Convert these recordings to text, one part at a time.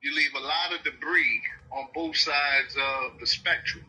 You leave a lot of debris on both sides of the spectrum.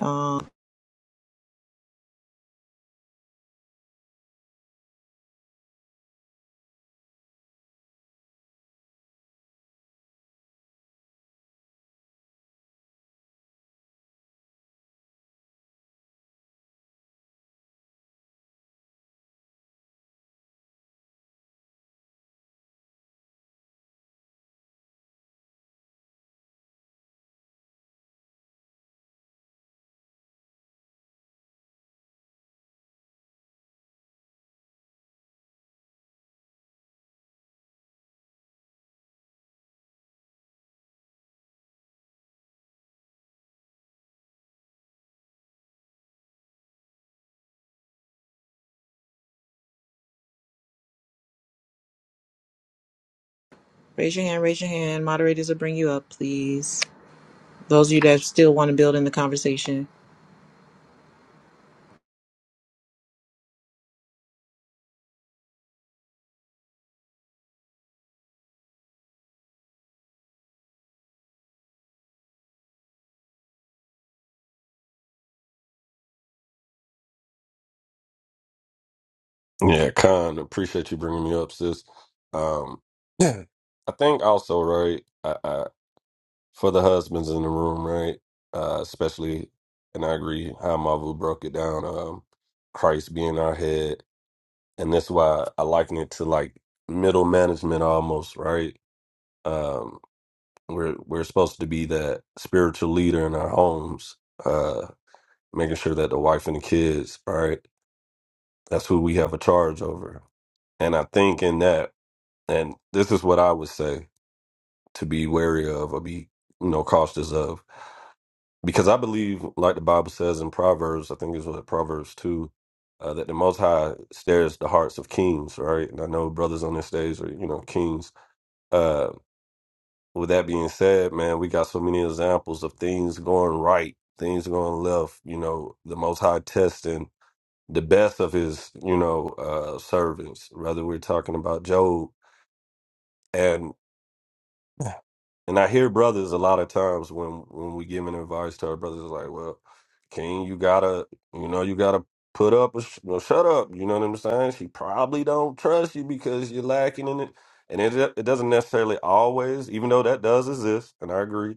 Um, raise your hand, raise your hand. Moderators will bring you up, please. Those of you that still want to build in the conversation. Yeah, Con, appreciate you bringing me up, sis. Um, yeah, I think also, right, I, I, for the husbands in the room, right, uh, especially, and I agree how Marvel broke it down, um, Christ being our head. And that's why I liken it to like middle management almost, right? Um, we're, we're supposed to be that spiritual leader in our homes, uh, making sure that the wife and the kids, right, that's who we have a charge over. And I think in that, And this is what I would say to be wary of or be, you know, cautious of. Because I believe, like the Bible says in Proverbs, I think it's what Proverbs 2, uh, that the Most High stares the hearts of kings, right? And I know brothers on this stage are, you know, kings. Uh, with that being said, man, we got so many examples of things going right, things going left, you know, the Most High testing the best of his, you know, uh, servants, whether we're talking about Job. and. And I hear brothers a lot of times when when we giving advice to our brothers, like, well, King, you gotta, you know, you gotta put up, or sh- well, shut up. You know what I'm saying? She probably don't trust you because you're lacking in it, and it it doesn't necessarily always, even though that does exist, and I agree,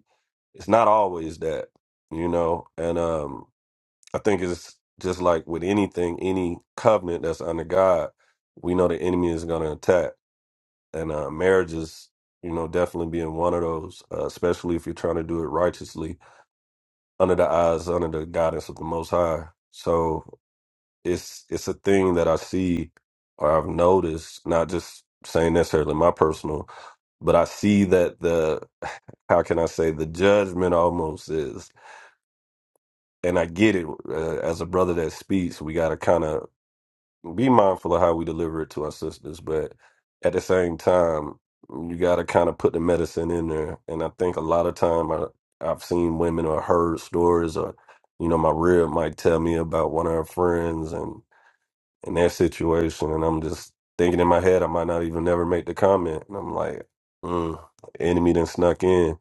it's not always that, you know. And um, I think it's just like with anything, any covenant that's under God, we know the enemy is gonna attack and uh, marriage is you know definitely being one of those uh, especially if you're trying to do it righteously under the eyes under the guidance of the most high so it's it's a thing that i see or i've noticed not just saying necessarily my personal but i see that the how can i say the judgment almost is and i get it uh, as a brother that speaks we got to kind of be mindful of how we deliver it to our sisters, but at the same time, you got to kind of put the medicine in there. And I think a lot of time I, I've seen women or heard stories, or you know, my rib might tell me about one of her friends and and their situation, and I'm just thinking in my head, I might not even never make the comment, and I'm like, mm, enemy then snuck in.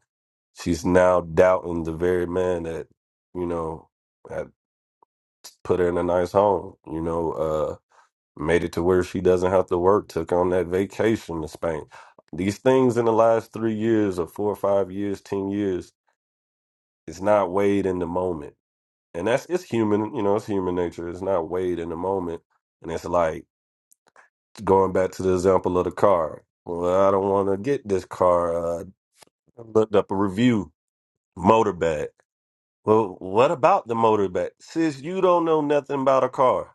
She's now doubting the very man that you know had put her in a nice home. You know. uh made it to where she doesn't have to work, took on that vacation to Spain. These things in the last three years or four or five years, 10 years, it's not weighed in the moment. And that's, it's human, you know, it's human nature. It's not weighed in the moment. And it's like going back to the example of the car. Well, I don't want to get this car. Uh, I looked up a review, motorbad. Well, what about the motorbike? Sis, you don't know nothing about a car.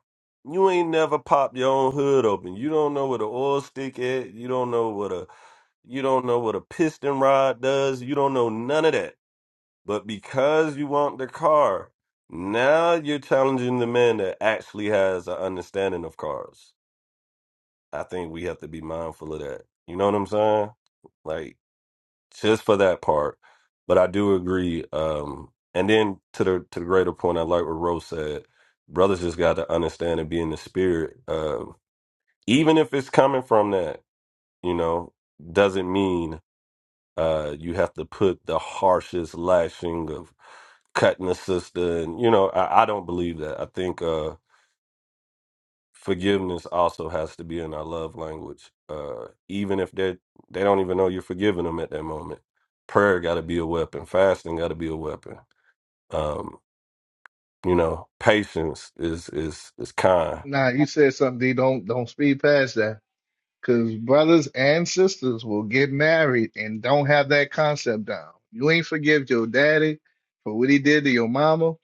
You ain't never popped your own hood open. You don't know what an oil stick is. You don't know what a you don't know what a piston rod does. You don't know none of that. But because you want the car, now you're challenging the man that actually has an understanding of cars. I think we have to be mindful of that. You know what I'm saying? Like, just for that part. But I do agree. Um, and then to the to the greater point, I like what Rose said. Brothers just got to understand and be in the spirit. Um, even if it's coming from that, you know, doesn't mean uh, you have to put the harshest lashing of cutting the sister. And you know, I, I don't believe that. I think. Uh, forgiveness also has to be in our love language. Uh, even if they they don't even know you're forgiving them at that moment. Prayer got to be a weapon. Fasting got to be a weapon. Um, you know, patience is is is kind. Nah, you said something. D. Don't don't speed past that, because brothers and sisters will get married and don't have that concept down. You ain't forgive your daddy for what he did to your mama.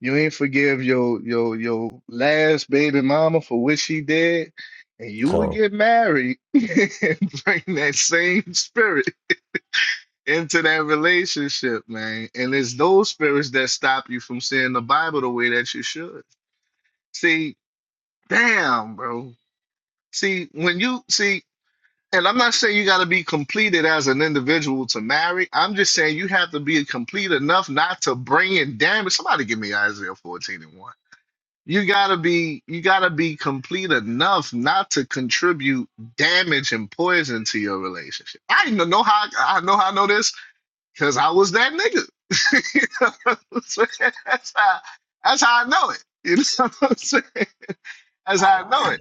You ain't forgive your your your last baby mama for what she did, and you will Kind. get married and bring that same spirit into that relationship, man. And it's those spirits that stop you from seeing the Bible the way that you should. See, damn, bro. See, when you see, and I'm not saying you got to be completed as an individual to marry. I'm just saying you have to be complete enough not to bring in damage. Somebody give me Isaiah 14 and 1. You gotta be you gotta be complete enough not to contribute damage and poison to your relationship. I even know how I know how I know this because I was that nigga. You know what I'm saying? that's how that's how I know it. You know what I'm saying? That's how I know it.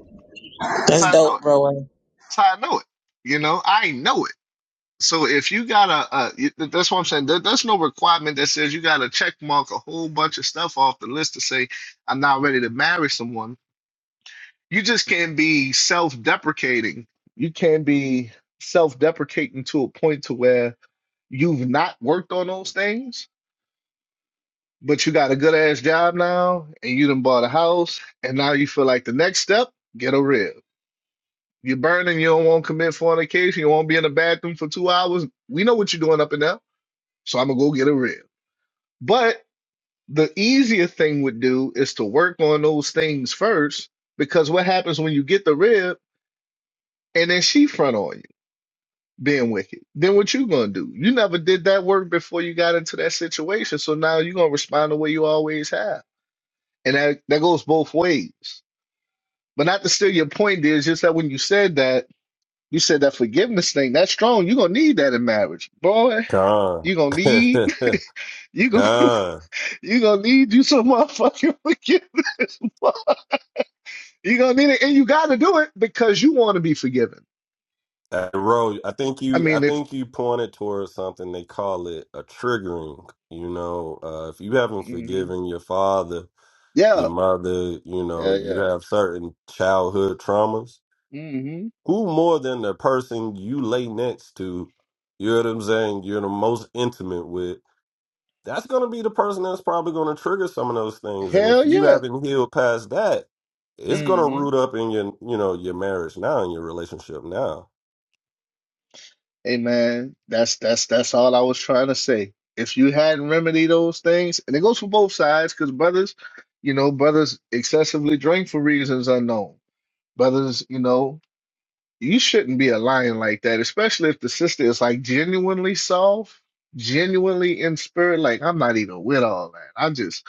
That's That's how I know dope, it. bro. That's how I know it. You know, I know it. So if you got a, a you- th- that's what I'm saying. There, there's no requirement that says you got to check mark a whole bunch of stuff off the list to say I'm not ready to marry someone. You just can't be self-deprecating. You can't be self-deprecating to a point to where you've not worked on those things, but you got a good ass job now, and you done bought a house, and now you feel like the next step, get a rib. You're burning, you don't want to commit fornication, you won't be in the bathroom for two hours. We know what you're doing up and down, so I'm gonna go get a rib. But the easier thing would do is to work on those things first, because what happens when you get the rib and then she front on you being wicked? Then what you gonna do? You never did that work before you got into that situation, so now you're gonna respond the way you always have, and that that goes both ways. But not to steal your point, is just that when you said that. You said that forgiveness thing, that's strong. You're gonna need that in marriage. Boy, Kind. you're gonna need kind. you gonna you gonna need you some motherfucking forgiveness. You're gonna need it and you gotta do it because you wanna be forgiven. Uh, Ro, I think I you I mean if think you pointed towards something they call it a triggering. You know, uh, if you haven't hmm forgiven your father, yeah, your mother, you know, you hell have certain childhood traumas yeah. hmm Who more than the person you lay next to, you know what I'm saying, you're the most intimate with, that's going to be the person that's probably going to trigger some of those things. And if Hell you yeah. haven't healed past that, it's going to hmm root up in your, you know, your marriage now and your relationship now. Hey man, that's that's that's all I was trying to say. If you hadn't remedied those things, and it goes for both sides, because brothers, you know, brothers excessively drink for reasons unknown. Brothers, you know, You shouldn't be a lion like that, especially if the sister is like genuinely soft, genuinely in spirit. Like, I'm not even with all that. I just,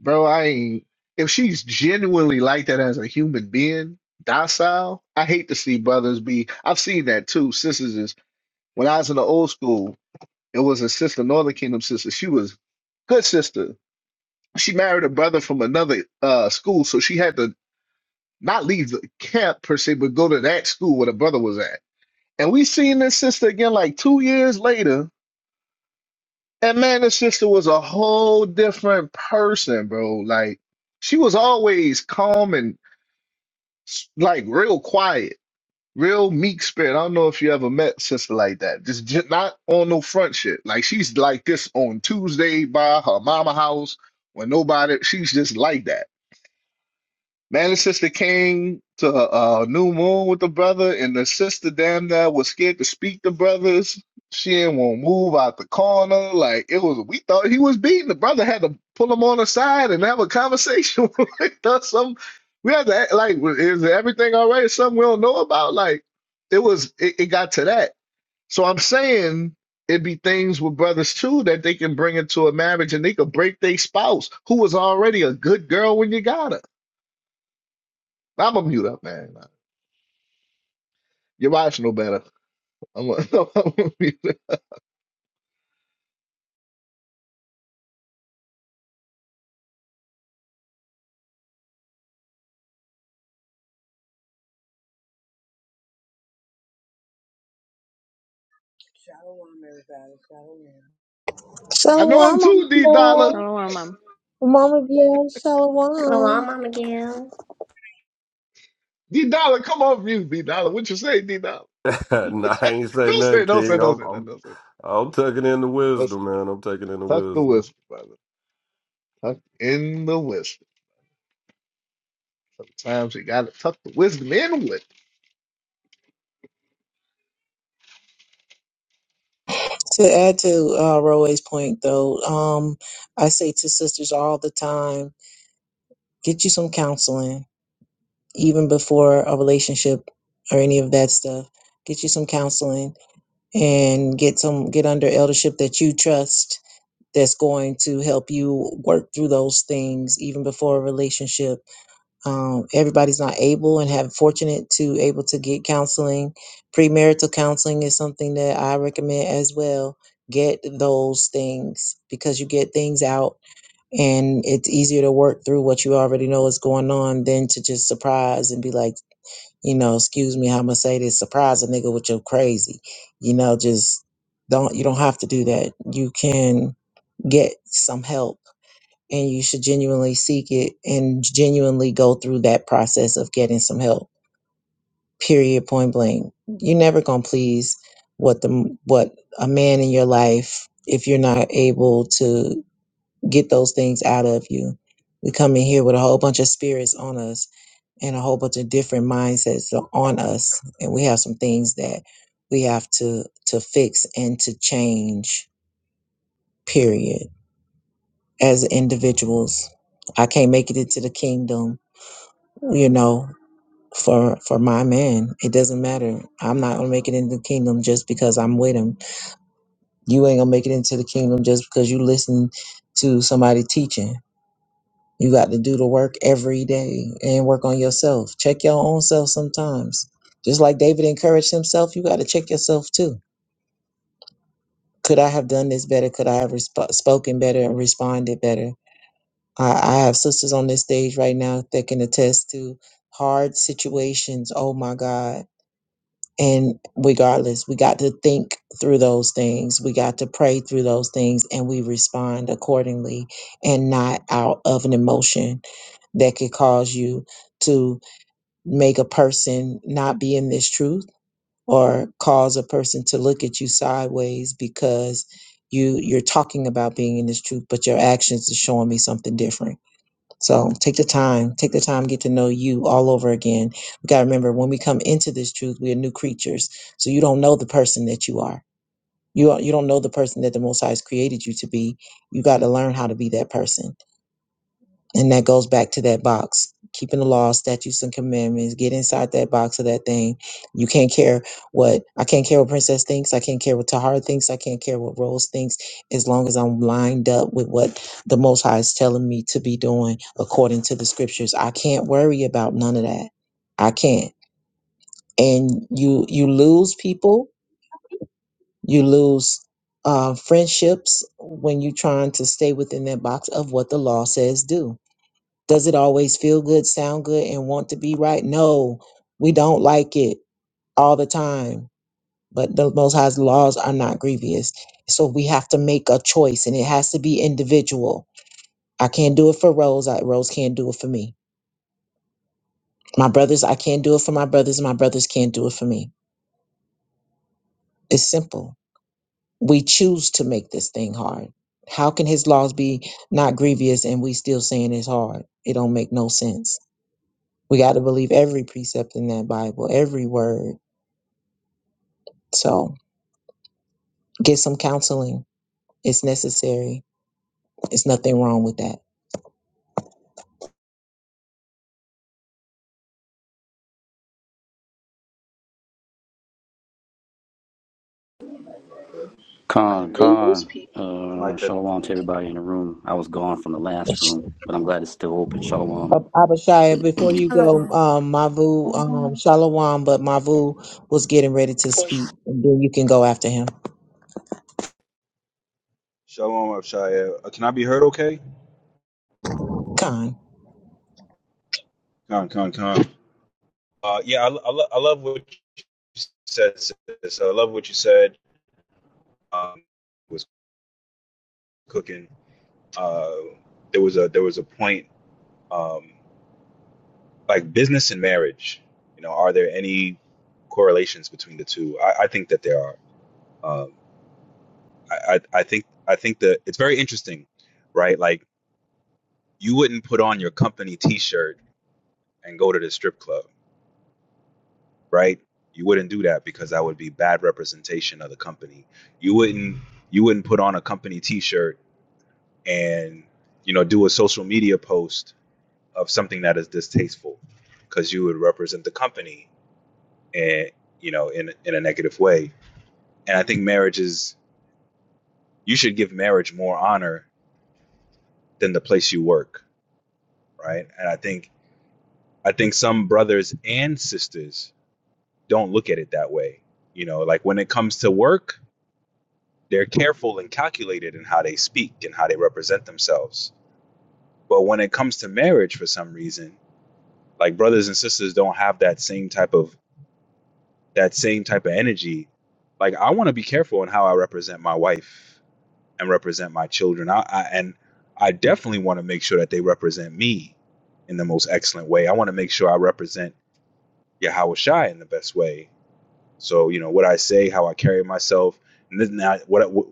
bro, I ain't. If she's genuinely like that as a human being, docile, I hate to see brothers be. I've seen that too. Sisters is, when I was in the old school, it was a sister, Northern Kingdom sister. She was good sister. She married a brother from another uh, school, so she had to not leave the camp per se, but go to that school where the brother was at and we seen this sister again like two years later. And man, this sister was a whole different person, bro. Like she was always calm and s- like real quiet, real meek spirit. I don't know if you ever met sister like that. Just, just not on no front shit. Like she's like this on Tuesday by her mama house when nobody. She's just like that Man, and sister came to a, uh new moon with the brother, and the sister damn that was scared to speak to brothers. She didn't want to move out the corner. Like it was, we thought he was beaten. The brother had to pull him on the side and have a conversation. with us. Some we had to act like "Well, is everything all right? Something we don't know about. Like it was, it, it got to that. So I'm saying it be things with brothers too that they can bring into a marriage and they could break their spouse who was already a good girl when you got her. I'm a mute up, man. Your wives know better. I'm a, I'm a mute. Shalom, everybody. Shalom. I know him Shalom, Mama too, D Dollar. Biel. Shalom, Mom. Mama Biel, Shalom, shalom. Mama Gail. D Dollar, come off mute, D Dollar. What you say, D Dollar? nah, I ain't say Don't nothing, say, don't say, King. don't I'm, say, nothing, I'm, don't say. I'm taking in the Don't say. wisdom, man. I'm taking in the Tuck the wisdom. wisdom, brother. Tuck in the wisdom. Times you gotta tuck the wisdom in with. it. To add to uh, Roe's point, though, um, I say to sisters all the time, get you some counseling. even before a relationship or any of that stuff get you some counseling and get some get under eldership that you trust that's going to help you work through those things even before a relationship um, everybody's not able and have fortunate to able to get counseling premarital counseling is something that i recommend as well get those things because you get things out and it's easier to work through what you already know is going on than to just surprise and be like you know, excuse me, how I'm gonna say this, surprise a nigga with your crazy. You know, just don't you don't have to do that. You can get some help and you should genuinely seek it and genuinely go through that process of getting some help. Period point blank. You're never gonna please what the what a man in your life if you're not able to get those things out of you. We come in here with a whole bunch of spirits on us and a whole bunch of different mindsets are on us and we have some things that we have to to fix and to change period as individuals i can't make it into the kingdom you know for for my man it doesn't matter i'm not gonna make it into the kingdom just because i'm with him you ain't gonna make it into the kingdom just because you listen to somebody teaching You got to do the work every day and work on yourself. Check your own self sometimes. Just like David encouraged himself, you got to check yourself too. Could I have done this better? Could I have resp- spoken better and responded better? I, I have sisters on this stage right now that can attest to hard situations. Oh my God and regardless, we got to think through those things. We got to pray through those things and we respond accordingly and not out of an emotion that could cause you to make a person not be in this truth or cause a person to look at you sideways because you you're talking about being in this truth but your actions are showing me something different so take the time, take the time, get to know you all over again. We got to remember when we come into this truth, we are new creatures. So you don't know the person that you are. You are, you don't know the person that the Most High has created you to be. You got to learn how to be that person. And that goes back to that box, keeping the law, statutes, and commandments. Get inside that box of that thing. You can't care what I can't care what Princess thinks. I can't care what Tahara thinks. I can't care what Rose thinks. As long as I'm lined up with what the Most High is telling me to be doing according to the scriptures, I can't worry about none of that. I can't. And you you lose people. You lose uh, friendships when you're trying to stay within that box of what the law says do does it always feel good, sound good, and want to be right? No, we don't like it all the time. But the Most High's laws are not grievous. So we have to make a choice, and it has to be individual. I can't do it for Rose. I, Rose can't do it for me. My brothers, I can't do it for my brothers. My brothers can't do it for me. It's simple. We choose to make this thing hard. How can his laws be not grievous and we still saying it's hard? It don't make no sense. We got to believe every precept in that Bible, every word So get some counseling. It's necessary. It's nothing wrong with that. Con, Most con. people. like Uh, that. shalom to everybody in the room. I was gone from the last room, but I'm glad it's still open. Shalom. Ab- Abishaya, before you go, Hello. um, Mavu, um, Oh, Shalom, but Mavu was getting ready to speak. And then you can go after him. Shalom, of Shia. Uh, can I be heard? Okay. Khan. Con, con, con. Uh, yeah, I, I, lo- I love what you said. Sis. So I love what you said. Um, was cooking. Uh, there was a there was a point um, like business and marriage. You know, are there any correlations between the two? I, I think that there are. Um, I, I, I think I think that it's very interesting, right? Like you wouldn't put on your company T-shirt and go to the strip club right? You wouldn't do that because that would be bad representation of the company. You wouldn't you wouldn't put on a company t-shirt and you know do a social media post of something that is distasteful because you would represent the company and you know in in a negative way. And I think marriage is you should give marriage more honor than the place you work, right? And I think I think some brothers and sisters don't look at it that way. You know, like when it comes to work, They're careful and calculated in how they speak and how they represent themselves. But when it comes to marriage, for some reason, like brothers and sisters don't have that same type of that same type of energy. Like I want to be careful in how I represent my wife and represent my children. I, I and I definitely want to make sure that they represent me in the most excellent way. I want to make sure I represent Yahweh Shai in the best way So you know what I say, how I carry myself, and then now what, I- what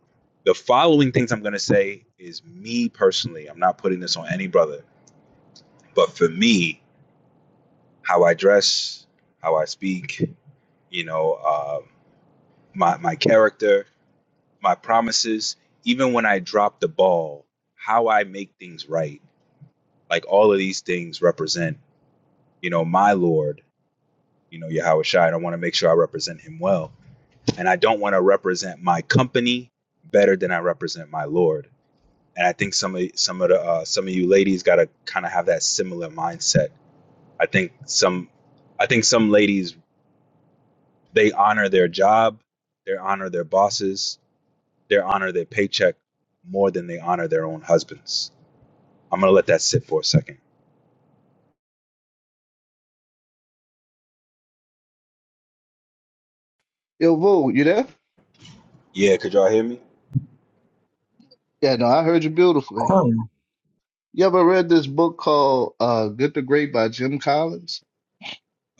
the following things I'm going to say is me personally. I'm not putting this on any brother, but for me, how I dress, how I speak, you know, uh, my my character, my promises, even when I drop the ball, how I make things right. Like all of these things represent, you know, my Lord, you know, Yahweh Shai. I want to make sure I represent Him well And I don't want to represent my company better than I represent my Lord. And I think some of some of the uh, some of you ladies got to kind of have that similar mindset. I think some I think some ladies they honor their job, they honor their bosses, they honor their paycheck more than they honor their own husbands. I'm gonna let that sit for a second. Yo, Vo, you there? Yeah, could y'all hear me? Yeah, no, I heard you beautifully. Con. You ever read this book called uh, "Good to Great" by Jim Collins?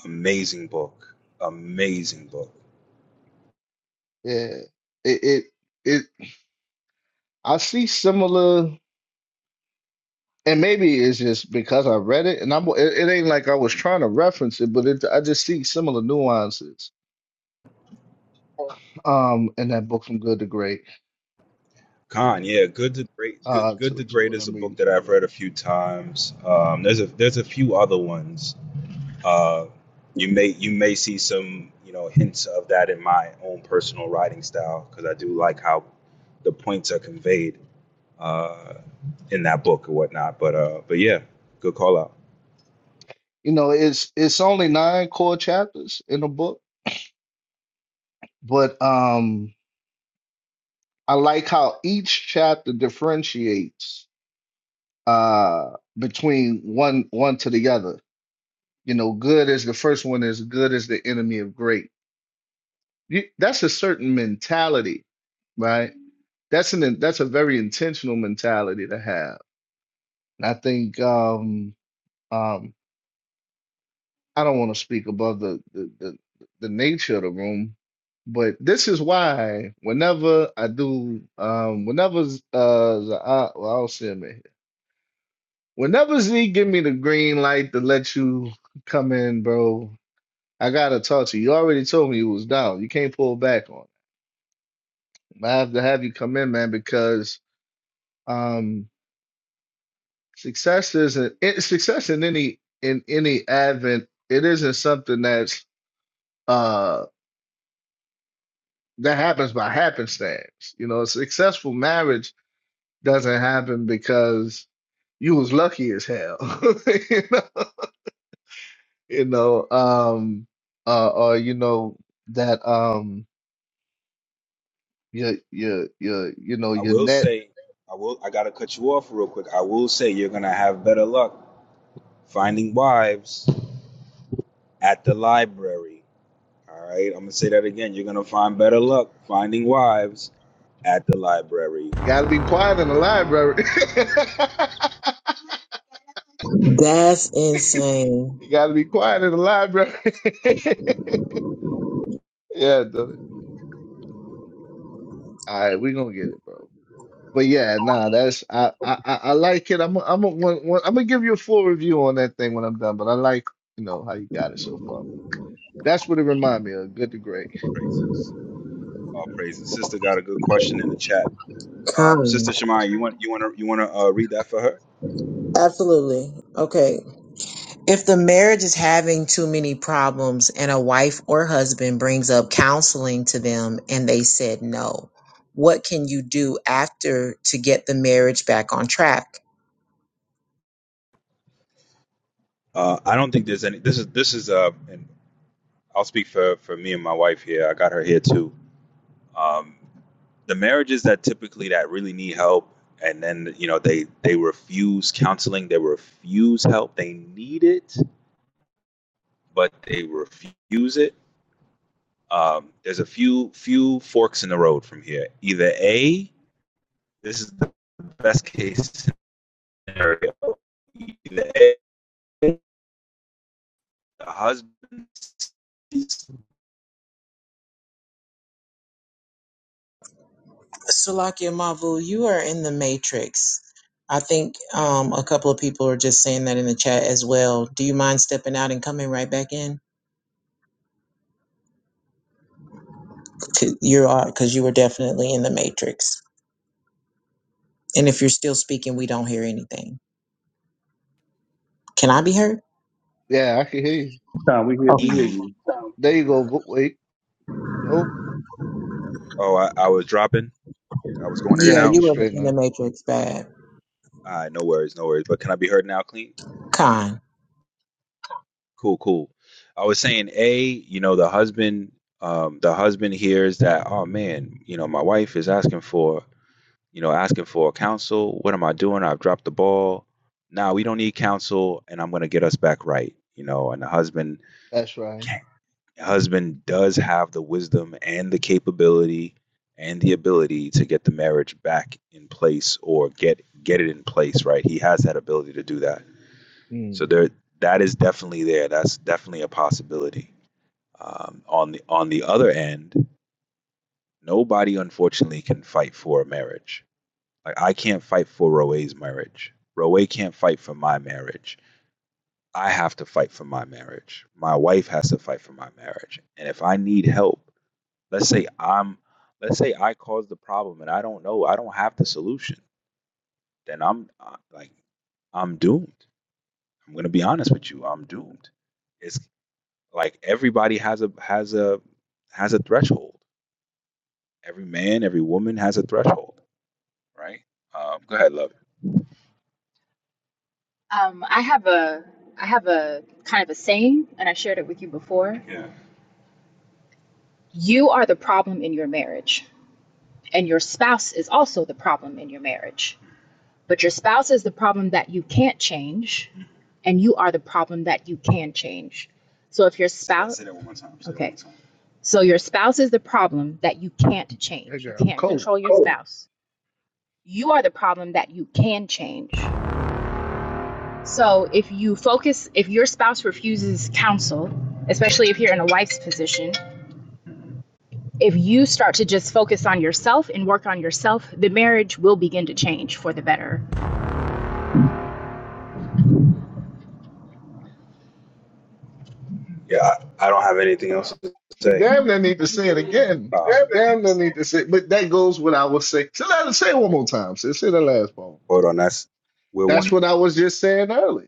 Amazing book, amazing book. Yeah, it it, it I see similar. And maybe it's just because I read it, and I'm it, it ain't like I was trying to reference it, but it, I just see similar nuances um in that book from Good to Great Khan, yeah, Good to Great. Good, uh Good to to, to Great what is a I'm book reading that from you I've right read a now. few times. Um, there's a there's a few other ones. Uh, you may you may see some you know hints of that in my own personal writing style because I do like how the points are conveyed uh, in that book or whatnot. But uh, but yeah, good call out. You know, it's it's only nine core chapters in the book, but um I like how each chapter differentiates uh between one one to the other. You know, good is the first one is good is the enemy of great. You, that's a certain mentality right? that's an that's a very intentional mentality to have. And I think um um I don't want to speak above the the, the the nature of the room, but this is why whenever I do um whenever Z- uh Z- I, well, I'll see him in here. Whenever Z give me the green light to let you come in, bro, I gotta talk to you. You already told me you was down. You can't pull back on it. I have to have you come in, man, because um Success isn't it, success in any in any advent. It isn't something that's uh that happens by happenstance. You know, a successful marriage doesn't happen because you was lucky as hell. you know, you know, um, uh, or you know that um, your your your you know I your will net say I will I gotta cut you off real quick. I will say you're gonna have better luck finding wives at the library All right, I'm gonna say that again. You're gonna find better luck finding wives at the library. got to be quiet in the library. That's insane. you got to be quiet in the library. yeah, dude. All right, we gonna get it, bro. But yeah, nah, that's I I I I like it. I'm a- I'm a, when, when, I'm gonna give you a full review on that thing when I'm done. But I like you know how you got it so far. That's what it remind me of. Good to great. Praises, all praises. Sister got a good question in the chat. Um, Con. Sister Shemai, you want you want to you want to uh, read that for her? Absolutely. Okay. If the marriage is having too many problems and a wife or husband brings up counseling to them and they said no, what can you do after to get the marriage back on track? Uh, I don't think there's any. This is this is uh, and I'll speak for for me and my wife here. I got her here too. Um, the marriages that typically that really need help, and then you know they they refuse counseling, they refuse help, they need it, but they refuse it um, there's a few few forks in the road from here. Either A, this is the best case scenario. Either A, the husband sees Salakia Mavu, you are in the matrix. I think um, a couple of people are just saying that in the chat as well. Do you mind stepping out and coming right back in? 'Cause You are because you were definitely in the matrix. And if you're still speaking, we don't hear anything. Can I be heard? Yeah, I can hear you. Nah, we hear Oh, we hear B. you. There you go. Wo- Wait, nope. Oh, I, I was dropping. I was going in and Yeah, yeah, out. you you were straight in the now. matrix bad. All right, no worries, no worries. But can I be heard now, clean? Con. Cool, cool. I was saying A, you know, the husband um, the husband hears that, oh man, you know, my wife is asking for you know, asking for counsel. What am I doing? I've dropped the ball. Now we don't need counsel, and I'm going to get us back right. You know, and the husband, That's right. husband does have the wisdom and the capability and the ability to get the marriage back in place or get get it in place. Right, he has that ability to do that. Mm, So there, that is definitely there. That's definitely a possibility. Um, on the on the other end, nobody unfortunately can fight for a marriage Like I can't fight for Roe's marriage. Roe can't fight for my marriage. I have to fight for my marriage. My wife has to fight for my marriage. And if I need help, let's say I'm let's say I caused the problem and I don't know, I don't have the solution, then I'm uh, like I'm doomed. I'm going to be honest with you, I'm doomed. It's like everybody has a has a has a threshold. Every man, every woman has a threshold, right? Um, go ahead, love. Um, I have a I have a kind of a saying, and I shared it with you before. Yeah. You are the problem in your marriage, and your spouse is also the problem in your marriage. But your spouse is the problem that you can't change, and you are the problem that you can change. So if your spouse, Say that one more time. Say that one okay, more time. so your spouse is the problem that you can't that change. You girl can't cold. control your Oh, spouse. You are the problem that you can change. So if you focus, if your spouse refuses counsel, especially if you're in a wife's position, if you start to just focus on yourself and work on yourself, the marriage will begin to change for the better. Yeah, I, don't have anything else to She say. damn near need to say it again. Uh, She damn near need to say. But that goes what I was saying. So let us say it one more time. sis. say the last part. hold on, that's we're That's one. what I was just saying earlier.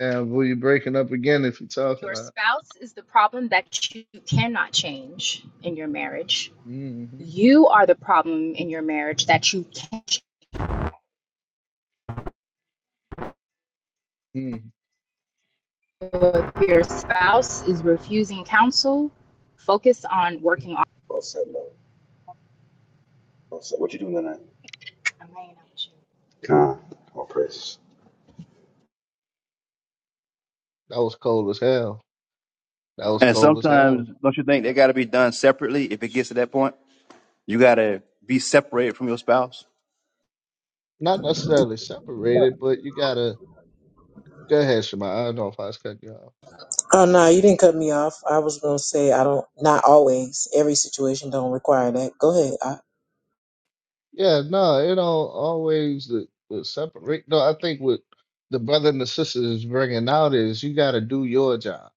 And will you breaking up again if you're talking? Your I, spouse is the problem that you cannot change in your marriage. hmm You are the problem in your marriage that you can't if your spouse is refusing counsel, focus on working on. Well said, love. Well said. What you doing tonight? I'm hanging out with you. Con. All praises. That was cold as hell. That was And cold as sometimes, hell. don't you think they got to be done separately? If it gets to that point, you got to be separated from your spouse. Not necessarily separated, but you gotta go ahead, Shema. I don't know if I was cutting you off. Oh no, you didn't cut me off. I was gonna say I don't. Not always. Every situation don't require that. Go ahead. I, Yeah, no, it don't always the, the separate. No, I think what the brother and the sister is bringing out is you gotta do your job.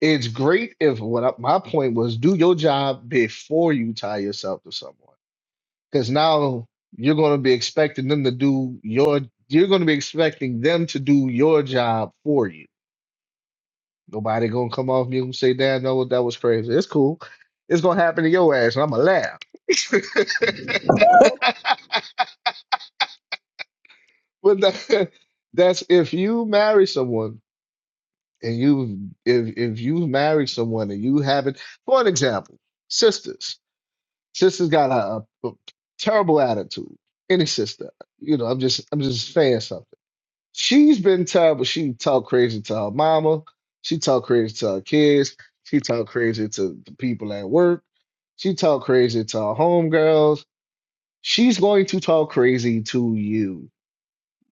It's great if what I, my point was do your job before you tie yourself to someone, because now you're gonna be expecting them to do your. You're gonna be expecting them to do your job for you Nobody gonna come off mute and say, "Damn, no, that was crazy." It's cool. It's gonna happen to your ass, and I'm gonna laugh. but that, that's if you marry someone and you if if you marry someone and you haven't, for an example, sisters. Sisters got a, a terrible attitude. Any sister, you know, I'm just I'm just saying something She's been tired, but she talk crazy to her mama. She talk crazy to her kids. She talk crazy to the people at work. She talk crazy to her homegirls. She's going to talk crazy to you,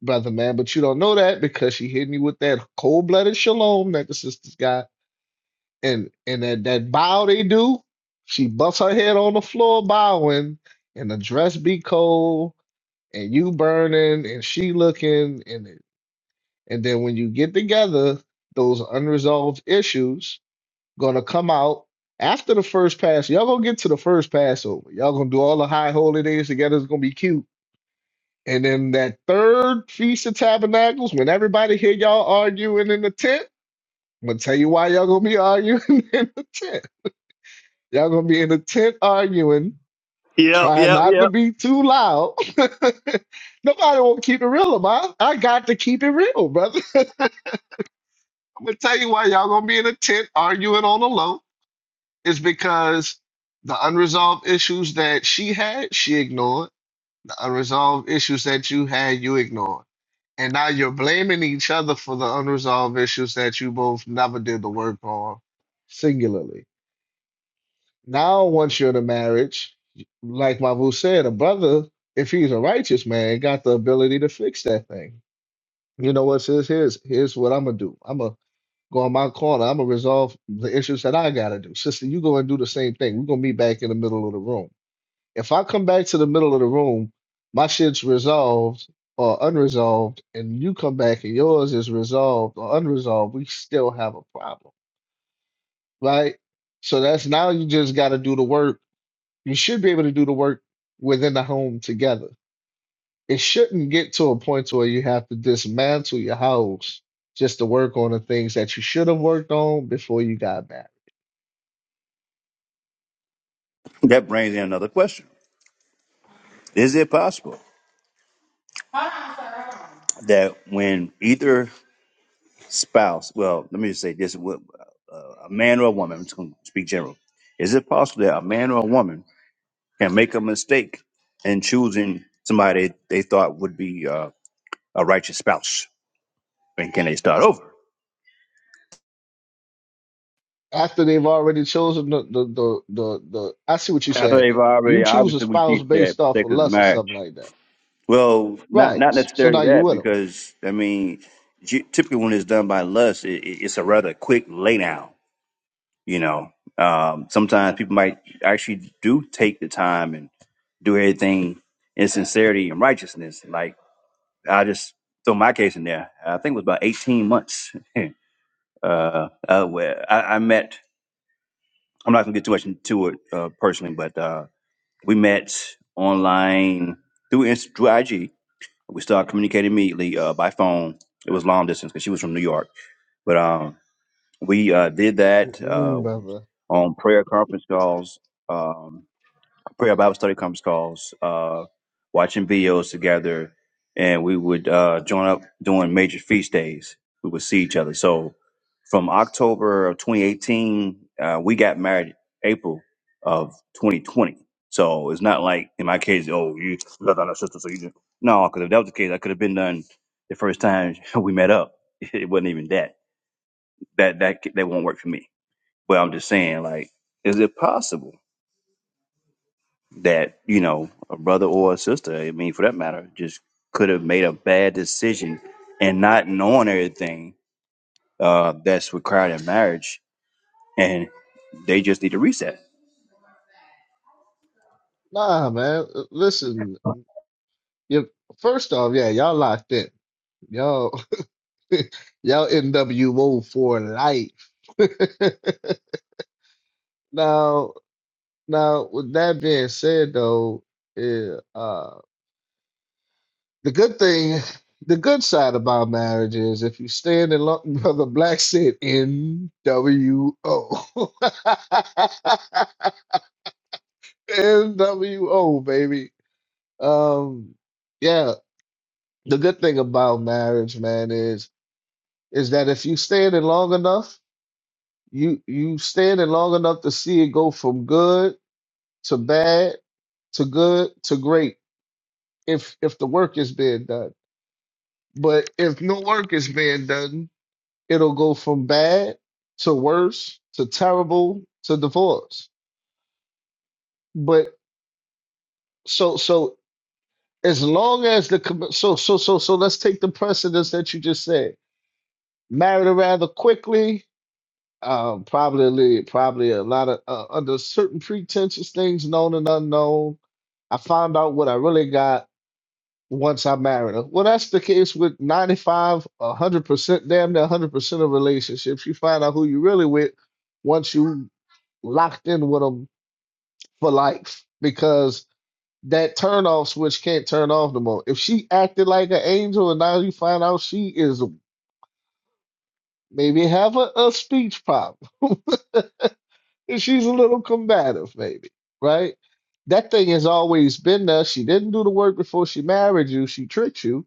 brother man. But you don't know that because she hitting you with that cold-blooded shalom that the sisters got, and and that that bow they do. She busts her head on the floor bowing, and the dress be cold, and you burning, and she looking, and and then when you get together, those unresolved issues gonna come out after the first pass. Y'all gonna get to the first Passover. Y'all gonna do all the high holy days together. It's gonna be cute. And then that third feast of tabernacles, when everybody hear y'all arguing in the tent, I'm gonna tell you why y'all gonna be arguing in the tent. Y'all gonna be in the tent arguing, Yep, trying yep, not to yep. be too loud. Nobody won't keep it real, man. I got to keep it real, brother. I'm gonna tell you why y'all gonna be in a tent arguing on the low is because the unresolved issues that she had, she ignored. The unresolved issues that you had, you ignored. And now you're blaming each other for the unresolved issues that you both never did the work on singularly. Now, once you're in a marriage, like Mavu said, a brother, if he's a righteous man, got the ability to fix that thing. You know what, sis? Here's here's what I'm gonna do. I'm gonna go on my corner. I'm gonna resolve the issues that I gotta do. Sister, you go and do the same thing. We're gonna meet back in the middle of the room. If I come back to the middle of the room, my shit's resolved or unresolved, and you come back and yours is resolved or unresolved, we still have a problem, right? So that's now you just gotta do the work. You should be able to do the work within the home together. It shouldn't get to a point to where you have to dismantle your house just to work on the things that you should have worked on before you got married That brings in another question: Is it possible that when either spouse, well, let me just say this: wh- a man or a woman, I'm just going to speak general. Is it possible that a man or a woman can make a mistake in choosing somebody they thought would be uh, a righteous spouse, and can they start over after they've already chosen the the the the, the I see what you're after saying. they've already? You choose a Obviously, we spouse teach that based off sex of is lust or marriage. something like that, Well, not right? not So, so necessarily now you that with them, because I mean, g- typically when it's done by lust, it, it- it's a rather quick lay down. You know, um, sometimes people might actually do take the time and do everything in sincerity and righteousness. Like I just throw my case in there. I think it was about eighteen months. uh, uh, where I, I met. I'm not gonna get too much into it uh, personally, but uh, we met online through Inst- through IG we started communicating immediately uh, by phone. It was long distance because she was from New York, but um, we uh, did that uh, Mm-mm, brother. on prayer conference calls. Um, prayer Bible study conference calls, uh, watching videos together, and we would uh, join up doing major feast days. We would see each other. So from October of 2018, uh, we got married April of 2020. So it's not like in my case, oh, you got on sister, so you just no. Because if that was the case, I could have been done the first time we met up. It wasn't even that. That that that won't work for me. But I'm just saying, like, is it possible? that you know a brother or a sister, I mean for that matter, just could have made a bad decision and not knowing everything uh, that's required in marriage, and they just need to reset. Nah, man. Uh, Listen, you first off, yeah, y'all locked in. Y'all, y'all NWO for life. now, now with that being said, though, yeah. uh. The good thing, the good side about marriage is if you stand in love, brother Black said NWO. NWO, baby. Um, yeah, the good thing about marriage, man, is is that if you stand in it long enough, you you stand in it long enough to see it go from good to bad to good to great if if the work is being done. But if no work is being done, it'll go from bad to worse to terrible to divorce. But so so as long as the com- so so so so let's take the precedence that you just said. Married rather quickly, um, probably probably a lot of uh, under certain pretentious things, known and unknown. I found out what I really got once I married her. Well, that's the case with 95, a 100%, damn near 100% of relationships. You find out who you really with once you locked in with them. for life because that turn off switch can't turn off no more. If she acted like an angel and now you find out she is maybe have a, a speech problem and she's a little combative, maybe, right? That thing has always been there. She didn't do the work before she married you. She tricked you.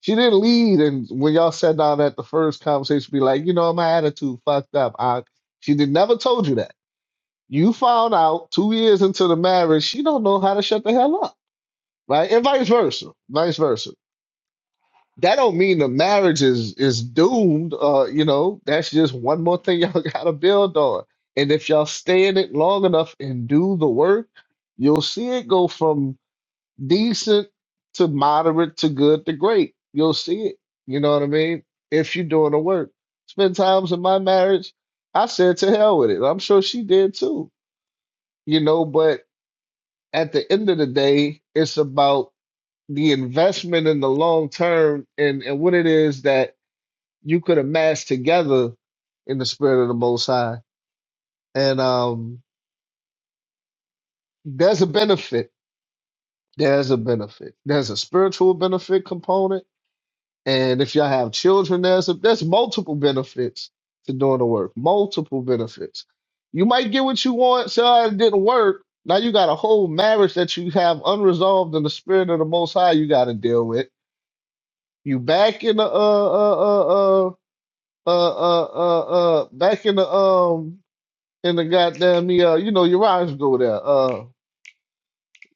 She didn't lead. And when y'all sat down at the first conversation, be like, you know, my attitude fucked up. I, she did, never told you that. You found out two years into the marriage, she don't know how to shut the hell up right? And vice versa, vice versa. That don't mean the marriage is is doomed. Uh, you know, that's just one more thing y'all gotta build on. And if y'all stay in it long enough and do the work, you'll see it go from decent to moderate to good to great. You'll see it. You know what I mean? If you're doing the work. Spend times in my marriage, I said to hell with it. I'm sure she did too. You know, but at the end of the day, it's about the investment in the long term and, and what it is that you could amass together in the spirit of the Most High. And um, there's a benefit. There's a benefit. There's a spiritual benefit component. And if y'all have children, there's a, there's multiple benefits to doing the work. Multiple benefits. You might get what you want. So "Ah, it didn't work. Now you got a whole marriage that you have unresolved in the spirit of the Most High. You got to deal with. You back in the uh uh uh uh uh uh uh uh back in the um in the goddamn the uh you know Uriah's go there uh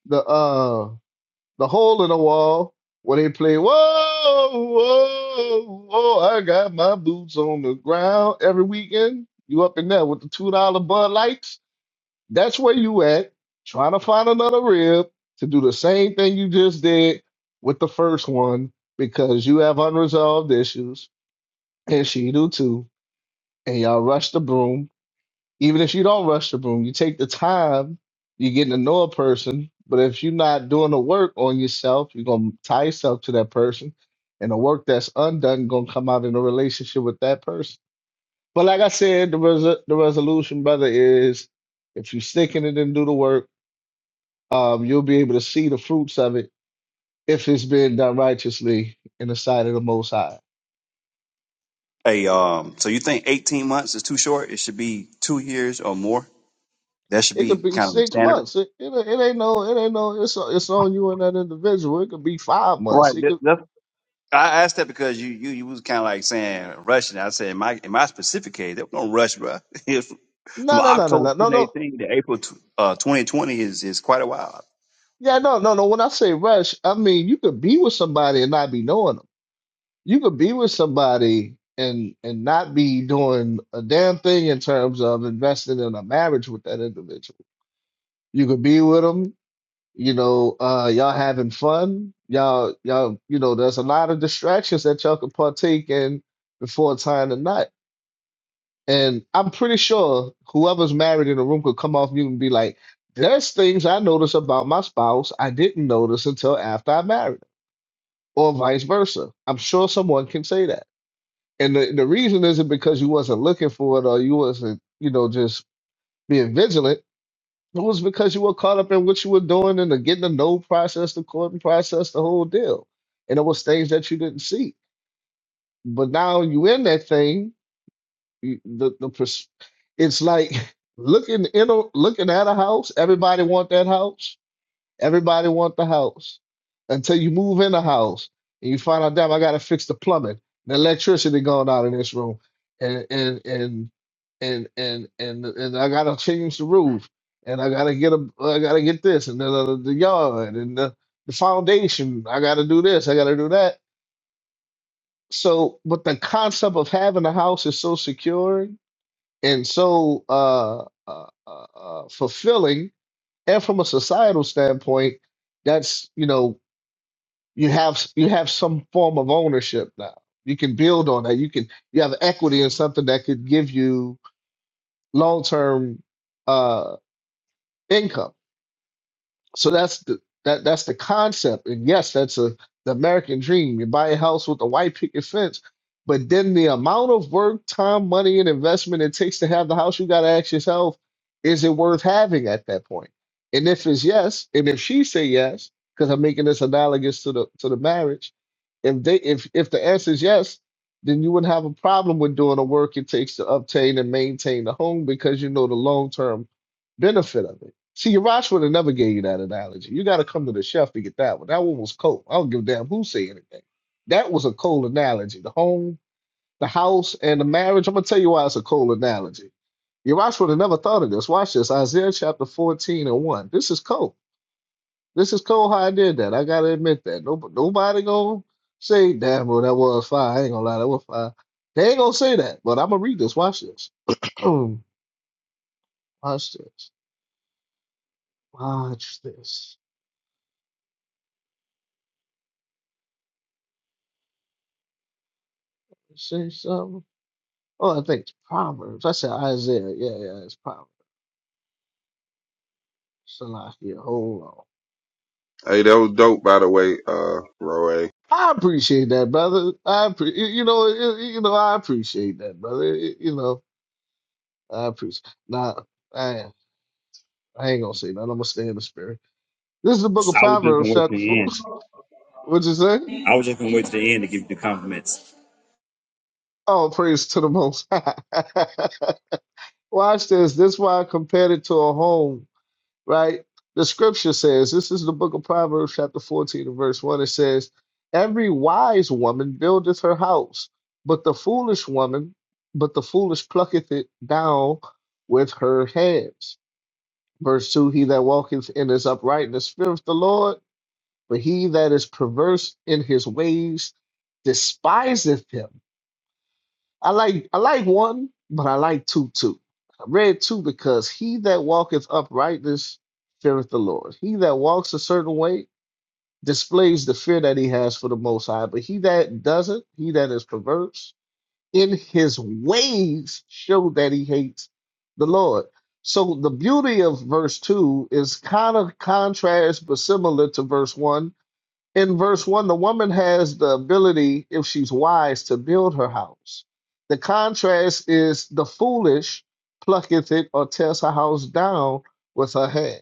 the uh the hole in the wall where they play whoa whoa whoa I got my boots on the ground every weekend you up in there with the two dollar Bud Lights that's where you at trying to find another rib to do the same thing you just did with the first one because you have unresolved issues and she do too and y'all rush the broom Even if you don't rush the room, you take the time, you're getting to know a person. But if you're not doing the work on yourself, you're gonna tie yourself to that person, and the work that's undone gonna come out in a relationship with that person. But like I said, the res- the resolution, brother, is if you stick in it and do the work, um, you'll be able to see the fruits of it if it's been done righteously in the sight of the Most High. Hey, um, so you think eighteen months is too short? It should be two years or more. That should It be could be kind of the six standard, months. It, it, it ain't no. It ain't no. It's it's on you and that individual. It could be five right? months. It That, could. that's- I asked that because you you you was kind of like saying rushing. I said in my in my specific case, there was no rush, bro. It was from No, no, no, no, October no, no, no. 2018 to April tw- uh, 2020 is is quite a while. Yeah, no, no, no. When I say rush, I mean you could be with somebody and not be knowing them. You could be with somebody and and not be doing a damn thing in terms of investing in a marriage with that individual. You could be with them, you know, uh, y'all having fun, y'all, y'all, you know, there's a lot of distractions that y'all could partake in before time tonight. And I'm pretty sure whoever's married in the room could come off mute and be like, there's things I notice about my spouse I didn't notice until after I married, her," or vice versa. I'm sure someone can say that. And the, the reason isn't because you wasn't looking for it or you wasn't, you know, just being vigilant. It was because you were caught up in what you were doing and the getting to know process, the courting process, the whole deal. And it was things that you didn't see. But now you in that thing You- The the pers- it's like looking in a looking at a house. Everybody want that house. Everybody want the house until you move in the house and you find out, damn, I gotta fix the plumbing, the electricity going out in this room, and and and and and and and I gotta change the roof, and I gotta get a I gotta get this, and the the, the yard, and the the foundation. I gotta do this. I gotta do that. So, but the concept of having a house is so secure and so uh, uh, uh, uh, fulfilling. And from a societal standpoint, that's you know you have you have some form of ownership now. You can build on that. You can you have equity in something that could give you long term uh, income So that's the that that's the concept. And yes, that's a the American dream. You buy a house with a white picket fence, but then the amount of work, time, money, and investment it takes to have the house, you gotta ask yourself, is it worth having at that point? And if it's yes, and if she say yes, because I'm making this analogous to the to the marriage, if they if if the answer is yes, then you wouldn't have a problem with doing the work it takes to obtain and maintain the home because you know the long term benefit of it See, Yavash would have never gave you that analogy. You got to come to the chef to get that one. That one was cold. I don't give a damn who say anything. That was a cold analogy. The home, the house, and the marriage. I'm gonna tell you why it's a cold analogy. Yavash would have never thought of this. Watch this. Isaiah chapter 14 and 1. This is cold. This is cold how I did that. I gotta admit that. Nobody, nobody gonna say, damn, well, that was fire. I ain't gonna lie, that was fire. They ain't gonna say that. But I'm gonna read this. Watch this. Watch this. Watch this. Say something. Oh, I think it's Proverbs. I said Isaiah. Yeah, yeah, it's Proverbs. Salakia, hold on. Hey, that was dope, by the way, uh, Roe I appreciate that, brother. I appre- you you know, you you know, I appreciate that, brother. You you know, I appreciate. Nah, I, I ain't gonna say nothing. I'm gonna stay in the spirit. This is the book of I was just gonna Proverbs, wait to chapter the four. end. What'd you say? I was just gonna wait to the end to give you the compliments. Oh, praise to the Most High. Watch this. This is why I compared it to a home right? The scripture says, this is the book of Proverbs, chapter 14, and verse 1. It says, Every wise woman buildeth her house, but the foolish woman, but the foolish plucketh it down with her hands. Verse 2 He that walketh in his uprightness feareth the Lord, but he that is perverse in his ways despiseth him. I like I like one, but I like two too. I read two because he that walketh uprightness feareth the Lord. He that walks a certain way displays the fear that he has for the Most High. But he that doesn't, he that is perverse in his ways, show that he hates the Lord. So the beauty of verse two is kind of contrast but similar to verse one in verse 1 the woman has the ability if she's wise to build her house the contrast is the foolish plucketh it or tears her house down with her hand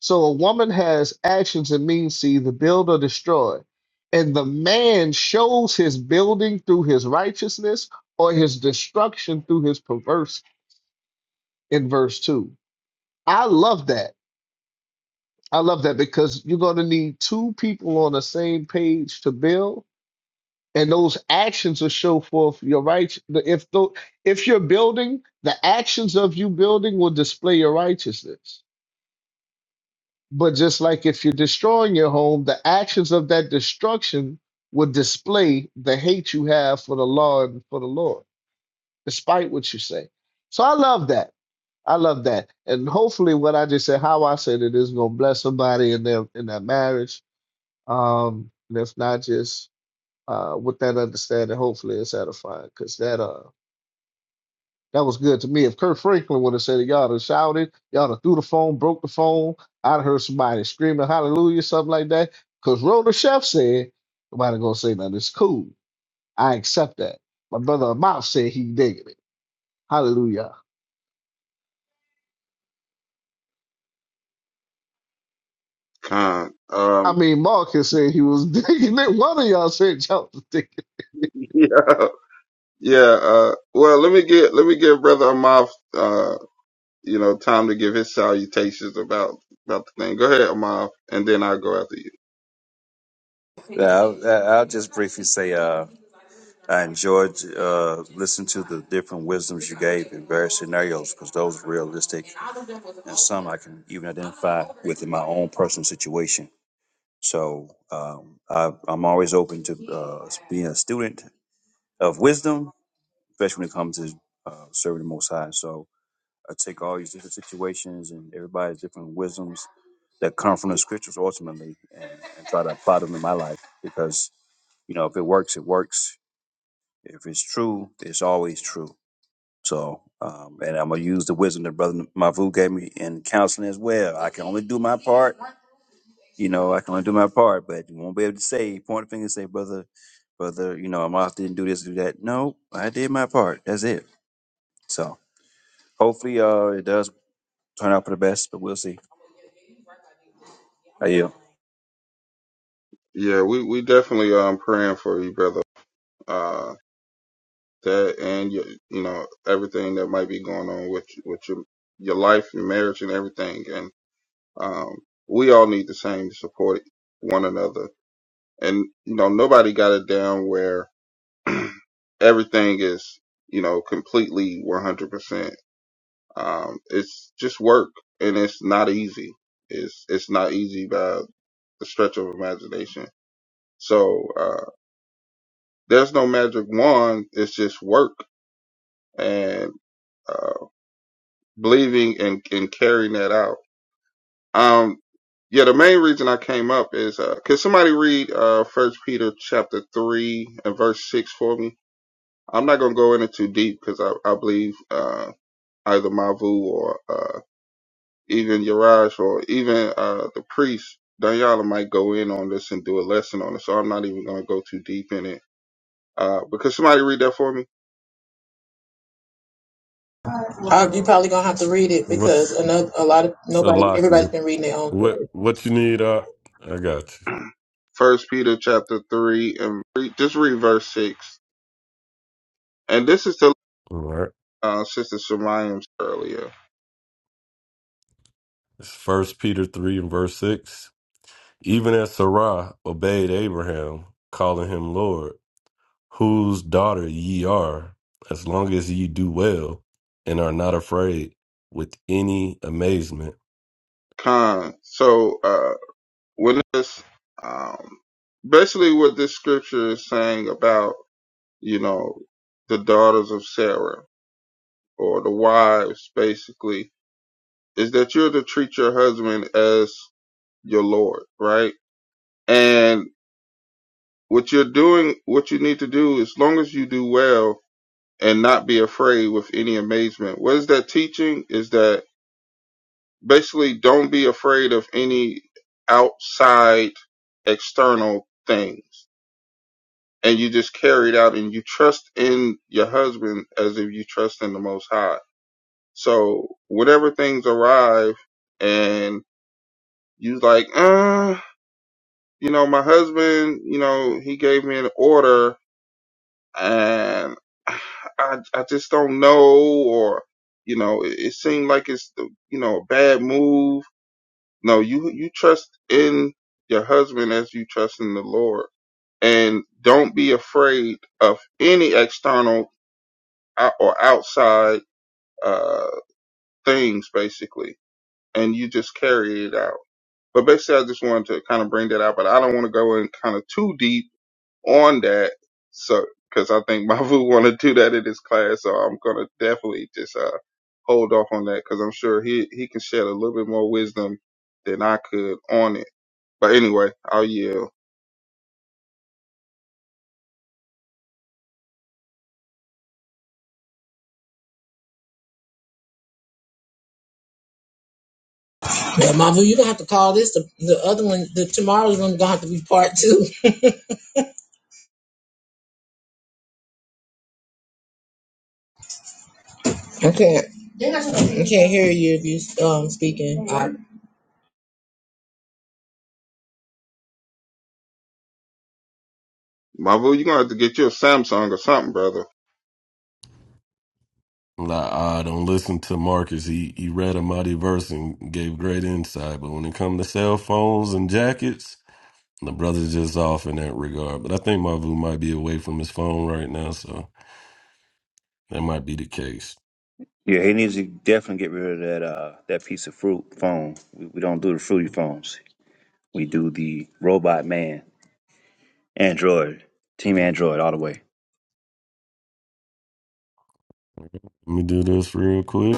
so a woman has actions and means to either build or destroy and the man shows his building through his righteousness or his destruction through his perverse in verse 2 i love that i love that because you're going to need two people on the same page to build and those actions will show forth your right. If the, if you're building, the actions of you building will display your righteousness. But just like if you're destroying your home, the actions of that destruction will display the hate you have for the law and for the Lord, despite what you say. So I love that. I love that. And hopefully, what I just said, how I said it, is gonna bless somebody in their in their marriage. Um, and if not, just uh, with that understanding, hopefully it's edifying because that uh That was good to me. If Kirk Franklin would have said it, y'all would have shouted, y'all would have threw the phone, broke the phone. I'd heard somebody screaming hallelujah, something like that. Because Rhoda Chef said, nobody gonna say nothing. It's cool. I accept that. My brother Amount said he digging it. Hallelujah. Khan. I Um, mean, Marcus said he was digging it. One of y'all said y'all was digging yeah, yeah, uh, well, let me get, let me give Brother Amav, uh, you know, time to give his salutations about, about the thing. Go ahead, Amav, and then I'll go after you. Yeah, I'll, I'll just briefly say uh, I enjoyed uh, listening to the different wisdoms you gave in various scenarios because those were realistic and some I can even identify with in my own personal situation. So um, I, I'm always open to uh, being a student of wisdom, especially when it comes to uh, serving the Most High. So I take all these different situations and everybody's different wisdoms that come from the scriptures ultimately and, and try to apply them in my life because, you know, if it works, it works. If it's true, it's always true. So, um, and I'm going to use the wisdom that Brother Mavu gave me in counseling as well. I can only do my part. You know, I can only do my part, but you won't be able to say, point a finger and say, Brother, Brother, you know, I didn't do this, do that. No, I did my part. That's it. So hopefully uh, it does turn out for the best, but we'll see. How you? Yeah, we, we definitely, um, praying for you, brother. Uh, that and your, you know, everything that might be going on with, with your, your life, your marriage and everything. And, um, we all need the same to support one another. And, you know, nobody got it down where everything is you know completely 100% um it's just work and it's not easy it's it's not easy by the stretch of imagination so uh there's no magic wand it's just work and uh believing and and carrying that out um yeah the main reason i came up is uh can somebody read uh first peter chapter 3 and verse 6 for me i'm not gonna go into too deep because I, I believe uh, either Mavu or uh, even Yaraj or even uh, the priest, Danyala might go in on this and do a lesson on it. So I'm not even going to go too deep in it. Uh, because somebody read that for me. I, you probably gonna have to read it What you, because another, a lot of so nobody, lock everybody's you. been reading their own. What, what you need? Uh, I got you. First Peter chapter three and re- just read verse six. And this is to All right. uh, Sister Shemayim earlier. It's First Peter three and verse six. Even as Sarah obeyed Abraham, calling him Lord, whose daughter ye are, as long as ye do well and are not afraid with any amazement. Con. So uh, when this, um, basically what this scripture is saying about, you know, the daughters of Sarah or the wives, basically is that you're to treat your husband as your Lord, right? And what you're doing, what you need to do, as long as you do well and not be afraid with any amazement. What is that teaching? Is that basically don't be afraid of any outside external things. And you just carry it out and you trust in your husband as if you trust in the most high. So whenever things arrive and you like, uh, you know, my husband, you know, he gave me an order and I, I just don't know or, you know, it, it seemed like it's, you know, a bad move. No, you, you trust in your husband as you trust in the Lord and don't be afraid of any external ou- or outside, uh, things basically. And you just carry it out. But basically, I just wanted to kind of bring that out, but I don't want to go in kind of too deep on that. So, because I think Mavu want to do that in his class, so I'm gonna definitely just uh, hold off on that because I'm sure he he can shed a little bit more wisdom than I could on it. But anyway, I'll yell. Well, Mama, you gonna have to call this the, the other one. The tomorrow's one gonna have to be part two. I can't, I can't hear you if you um speaking. I- Mavu, you're gonna have to get you a Samsung or something, brother. Like, I don't listen to Marcus. He he read a mighty verse and gave great insight. But when it comes to cell phones and jackets, the brother's just off in that regard. But I think Mavu might be away from his phone right now, so that might be the case. Yeah, he needs to definitely get rid of that uh that piece of fruit phone. We, we don't do the fruity phones. We do the robot man, Android, Team Android all the way. Let me do this real quick.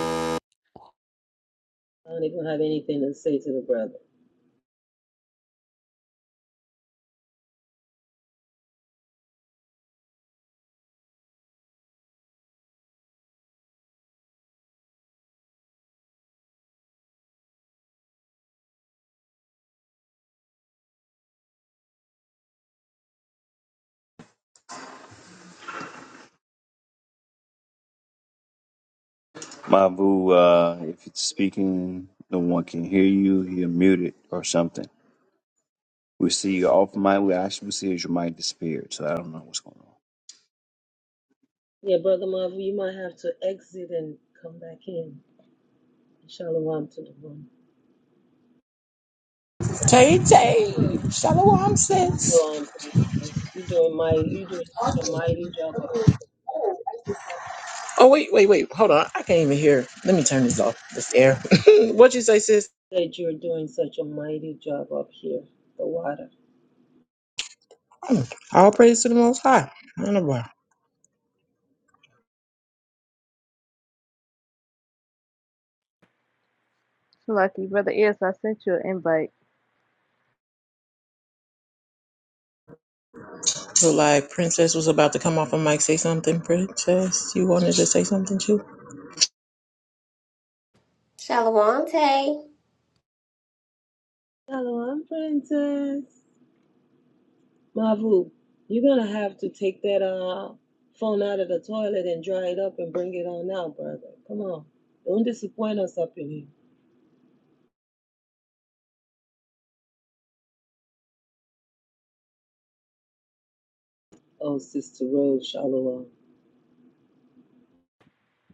I don't even have anything to say to the brother. Mabu, uh, if it's speaking, no one can hear you. You're muted or something. We see you off mic. We actually see is your mic disappeared. So I don't know what's going on. Yeah, Brother Marvin, you might have to exit and come back in. Shalom to the room. Tay Tay, shalom So, sis. um, Princess, you're doing mighty, you're doing such a mighty job up Oh wait, wait, wait, hold on. I can't even hear. Let me turn this off. This air. What'd you say, sis? that you're doing such a mighty job up here, the water. Mm, All praise to the Most High. I don't know why. Lucky brother is. I sent you an invite. So like, Princess was about to come off a mic, say something. Princess, you wanted to say something too? Shalom, Tay. Shalom, Princess. Mavu, you're gonna have to take that uh phone out of the toilet and dry it up and bring it on out, brother. Come on. Don't disappoint us up in here. Oh, Sister Rose, Shalom.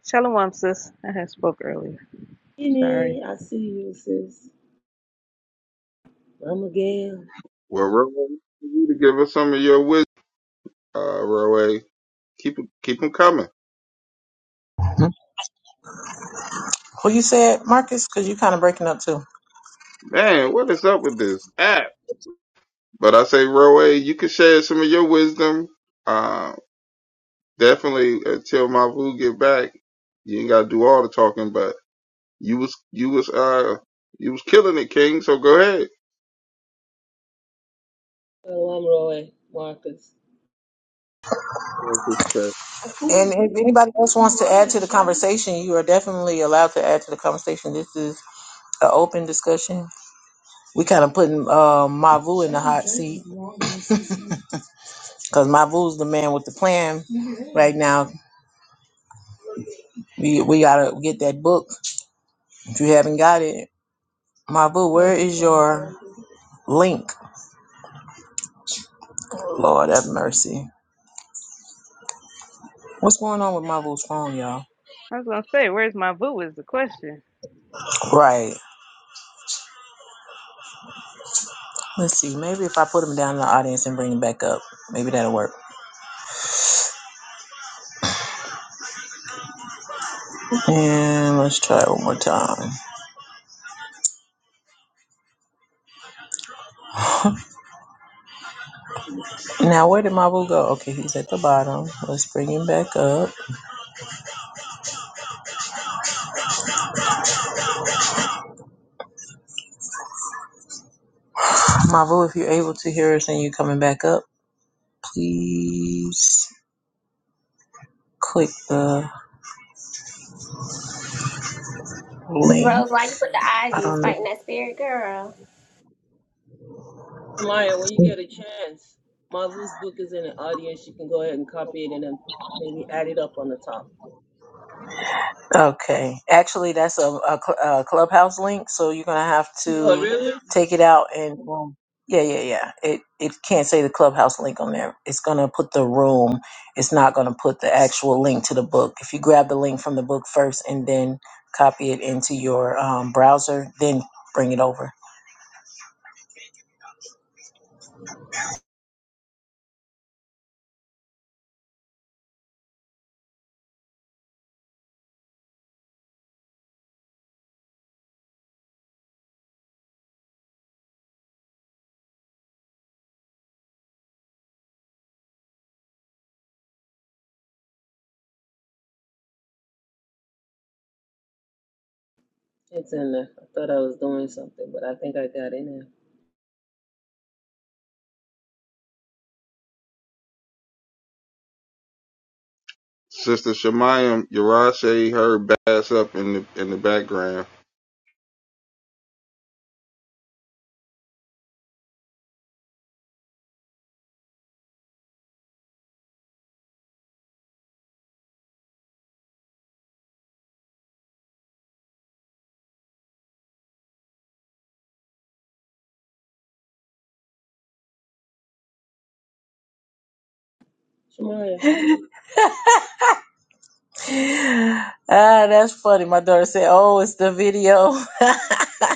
Shalom, sis. I had spoke earlier. Sorry. Kenny, I see you, sis. Mama Gail. Well, Roe, you to give us some of your wisdom. Uh, Roe, keep keep 'em coming. Mhm. Who you said, Marcus? Because you kind of breaking up too. Man, what is up with this app? But I say, Roe, you can share some of your wisdom. um, definitely until Mavu get back, you ain't gotta do all the talking, but you was you was uh you was killing it, King, so go ahead. Shalom, Roy. Marcus. Oh, Sister And if anybody else wants to add to the conversation, you are definitely allowed to add to the conversation. This is an open discussion. We kind of putting uh, Mavu in the hot seat. Cause Mavu's the man with the plan right now. We we gotta get that book. If you haven't got it, Mavu, where is your link? Lord have mercy. What's going on with Mavu's phone, y'all? I was gonna say, where's my boo? Is the question. Right. Let's see. Maybe if I put him down in the audience and bring him back up, maybe that'll work. And let's try it one more time. Now, where did Mavu go? Okay, he's at the bottom. Let's bring him back up. Mavu, if you're able to hear us and you're coming back up, please click the link. Rose, why you put the eyes? I You was don't know. fighting that spirit, girl. Tamaya, when you get a chance, Marvel's book is in the audience. You can go ahead and copy it and then maybe add it up on the top. Okay. Actually, that's a, a, cl- a clubhouse link, so you're gonna have Oh, to really? take it out and um, yeah, yeah, yeah. It it can't say the clubhouse link on there. It's gonna put the room. It's not gonna put the actual link to the book. If you grab the link from the book first and then copy it into your um, browser, then bring it over. It's in there. I thought I was doing something, but I think I got in there. Sister Shemayim Yarashe heard bass up in the in the background. Shamaya, ah, that's funny. My daughter said, "Oh, it's the video."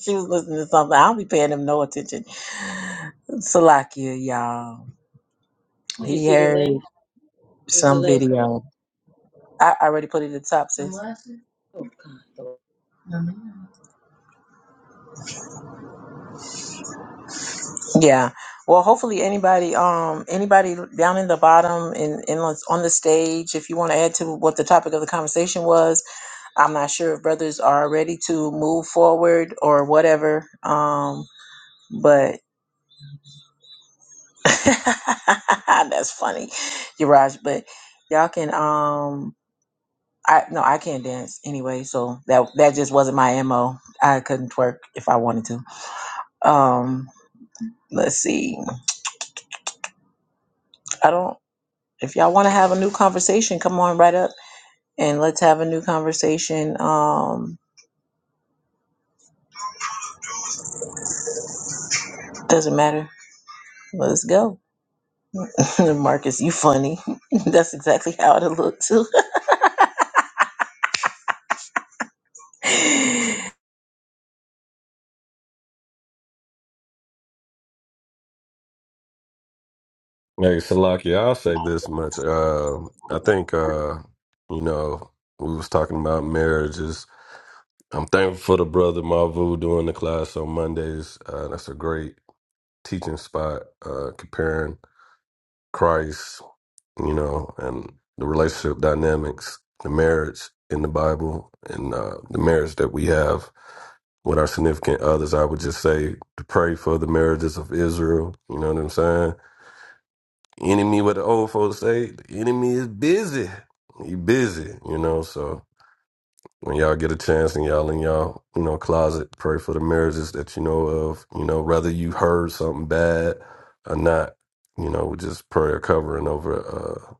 she was listening to something. I'll be paying them no attention Salakia, y'all. did you He see the heard link? Is the some link? video. I I already put it at the top, sis. Oh, God. Yeah. Well, hopefully anybody, um, anybody down in the bottom and in, in on on the stage, if you want to add to what the topic of the conversation was, I'm not sure if brothers are ready to move forward or whatever. Um, but that's funny, Yaraj. But y'all can um I no, I can't dance anyway, so that that just wasn't my mo. I couldn't twerk if I wanted to. Um, let's see. I don't. If y'all want to have a new conversation, come on right up and let's have a new conversation. Um, doesn't matter. Let's go, Marcus. You funny. That's exactly how it looked too. Hey, Salaki, I'll say this much. Uh, I think, uh, you know, we was talking about marriages. I'm thankful for the brother Mavu doing the class on Mondays. Uh, that's a great teaching spot, uh, comparing Christ, you know, and the relationship dynamics, the marriage in the Bible, and uh, the marriage that we have with our significant others. I would just say to pray for the marriages of Israel. You know what I'm saying? Enemy, what the old folks say, the enemy is busy. He busy, you know. So when y'all get a chance and y'all in y'all, you know, closet, pray for the marriages that you know of. You know, whether you heard something bad or not, you know, we just prayer covering over uh,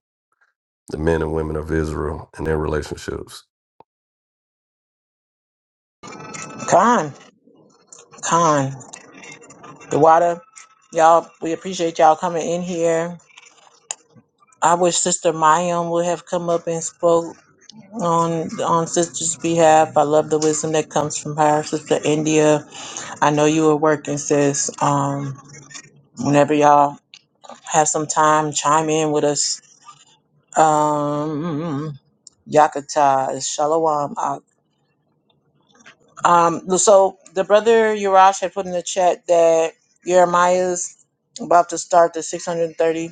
the men and women of Israel and their relationships. Con, con, the water. Y'all, we appreciate y'all coming in here. I wish Sister Mayim would have come up and spoke. on on sister's behalf. I love the wisdom that comes from her sister India. I know you are working, sis. Um, whenever y'all have some time, chime in with us. Um, Yakata is Shalom. Uh, Um, so the brother Yurash had put in the chat that Jeremiah's about to start the 630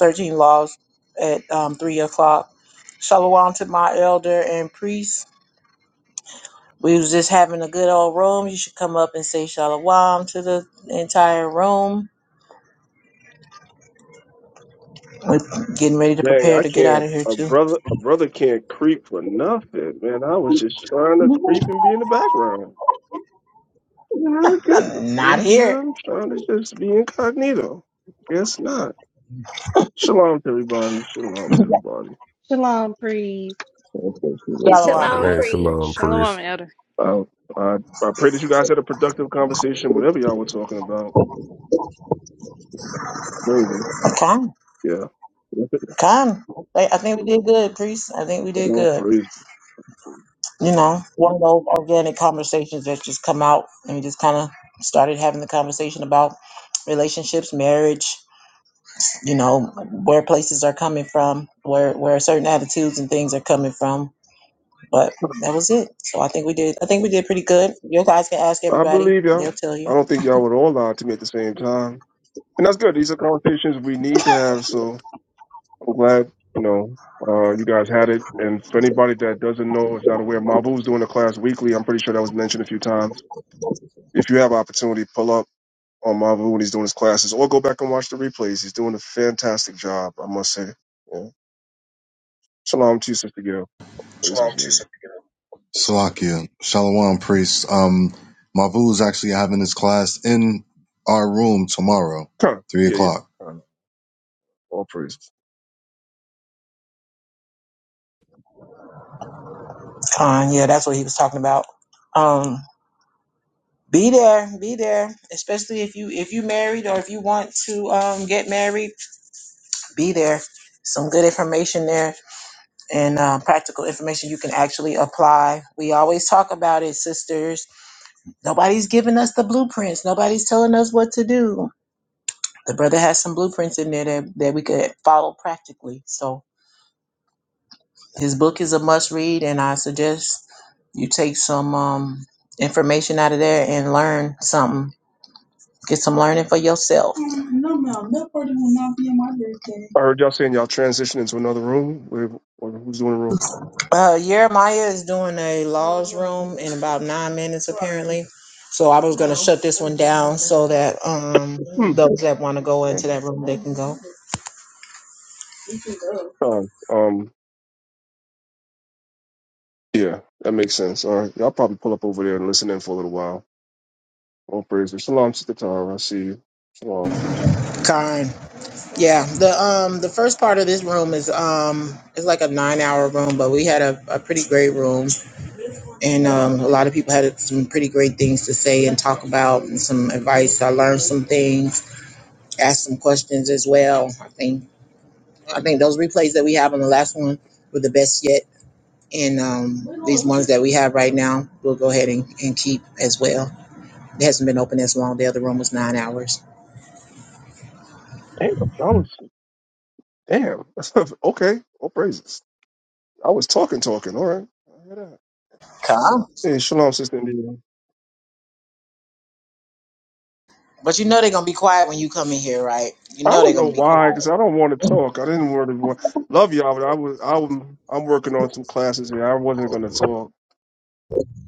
13 laws at um, three o'clock. Shalom to my elder and priest. We was just having a good old room. You should come up and say shalom to the entire room. We're getting ready to Dang, prepare I to get out can't. of here A too. brother, a brother can't creep for nothing, man. I was just trying to creep and be in the background. My goodness, right Out of now here. I'm trying to just be incognito. Guess not. Shalom to everybody. Shalom to everybody. Shalom, praise. It's Shalom, Shalom please. Hey, Shalom, Free. shalom, greetings. Shalom, priest. elder. I, I, I pray that you guys had a productive conversation, whatever y'all were talking about. Anyway, Okay. yeah. Come. I I think we did good, priest. I think we did Oh, good. praise. You know, one of those organic conversations that just come out and we just kind of started having the conversation about relationships, marriage, you know, where places are coming from, where where certain attitudes and things are coming from But that was it. So I think we did. I think we did pretty good. You guys can ask I everybody; believe they'll y'all. tell I you. don't think y'all would all lie to me at the same time. And that's good. These are conversations we need to have. So I'm glad, you know, uh, you guys had it. And for anybody that doesn't know, is not aware, Marvel doing a class weekly. I'm pretty sure that was mentioned a few times. If you have opportunity, pull up on Marvel when he's doing his classes or go back and watch the replays. He's doing a fantastic job, I must say. Yeah. Shalom to you, Sister Gail. Praises. Yeah, Salakia, Shalom Priest. Um, Mavu is actually having his class in our room tomorrow, Kind of. three yeah. yeah. o'clock. Kind of. All praises. Uh, yeah, that's what he was talking about. Um, be there, be there, especially if you if you married or if you want to um, get married, be there. Some good information there and uh, practical information you can actually apply. We always talk about it, sisters. Nobody's giving us the blueprints. Nobody's telling us what to do. The brother has some blueprints in there that, that we could follow practically. So His book is a must read, and I suggest you take some um, information out of there and learn something. Get some learning for yourself. No, ma'am, that party will not be on my birthday. I heard y'all saying y'all transitioned into another room. Where, or who's doing the room? Uh, Jeremiah is doing a laws room in about nine minutes, apparently. So I was gonna shut this one down so that um Hmm. those that want to go into that room they can go. Um, um, yeah, that makes sense. All right. Y'all probably pull up over there and listen in for a little while All praises. Shalom, Sister Tara. I see you. Shalom. Kind. Yeah. The um the first part of this room is um it's like a nine hour room, but we had a, a pretty great room. and um, a lot of people had some pretty great things to say and talk about and some advice i learned some things asked some questions as well i think i think those replays that we have on the last one were the best yet and um, these ones that we have right now we'll go ahead and, and keep as well it hasn't been open as long the other room was nine hours Damn, I was Damn. okay. All praises. I was talking, talking. All right. I hear that. come Hey, shalom, Sister India. but you know they're gonna be quiet when you come in here right you I know they're don't know gonna be why, quiet because I don't want to talk. I didn't want to wa- love y'all, but I was I'm I'm working on some classes here. I wasn't gonna talk.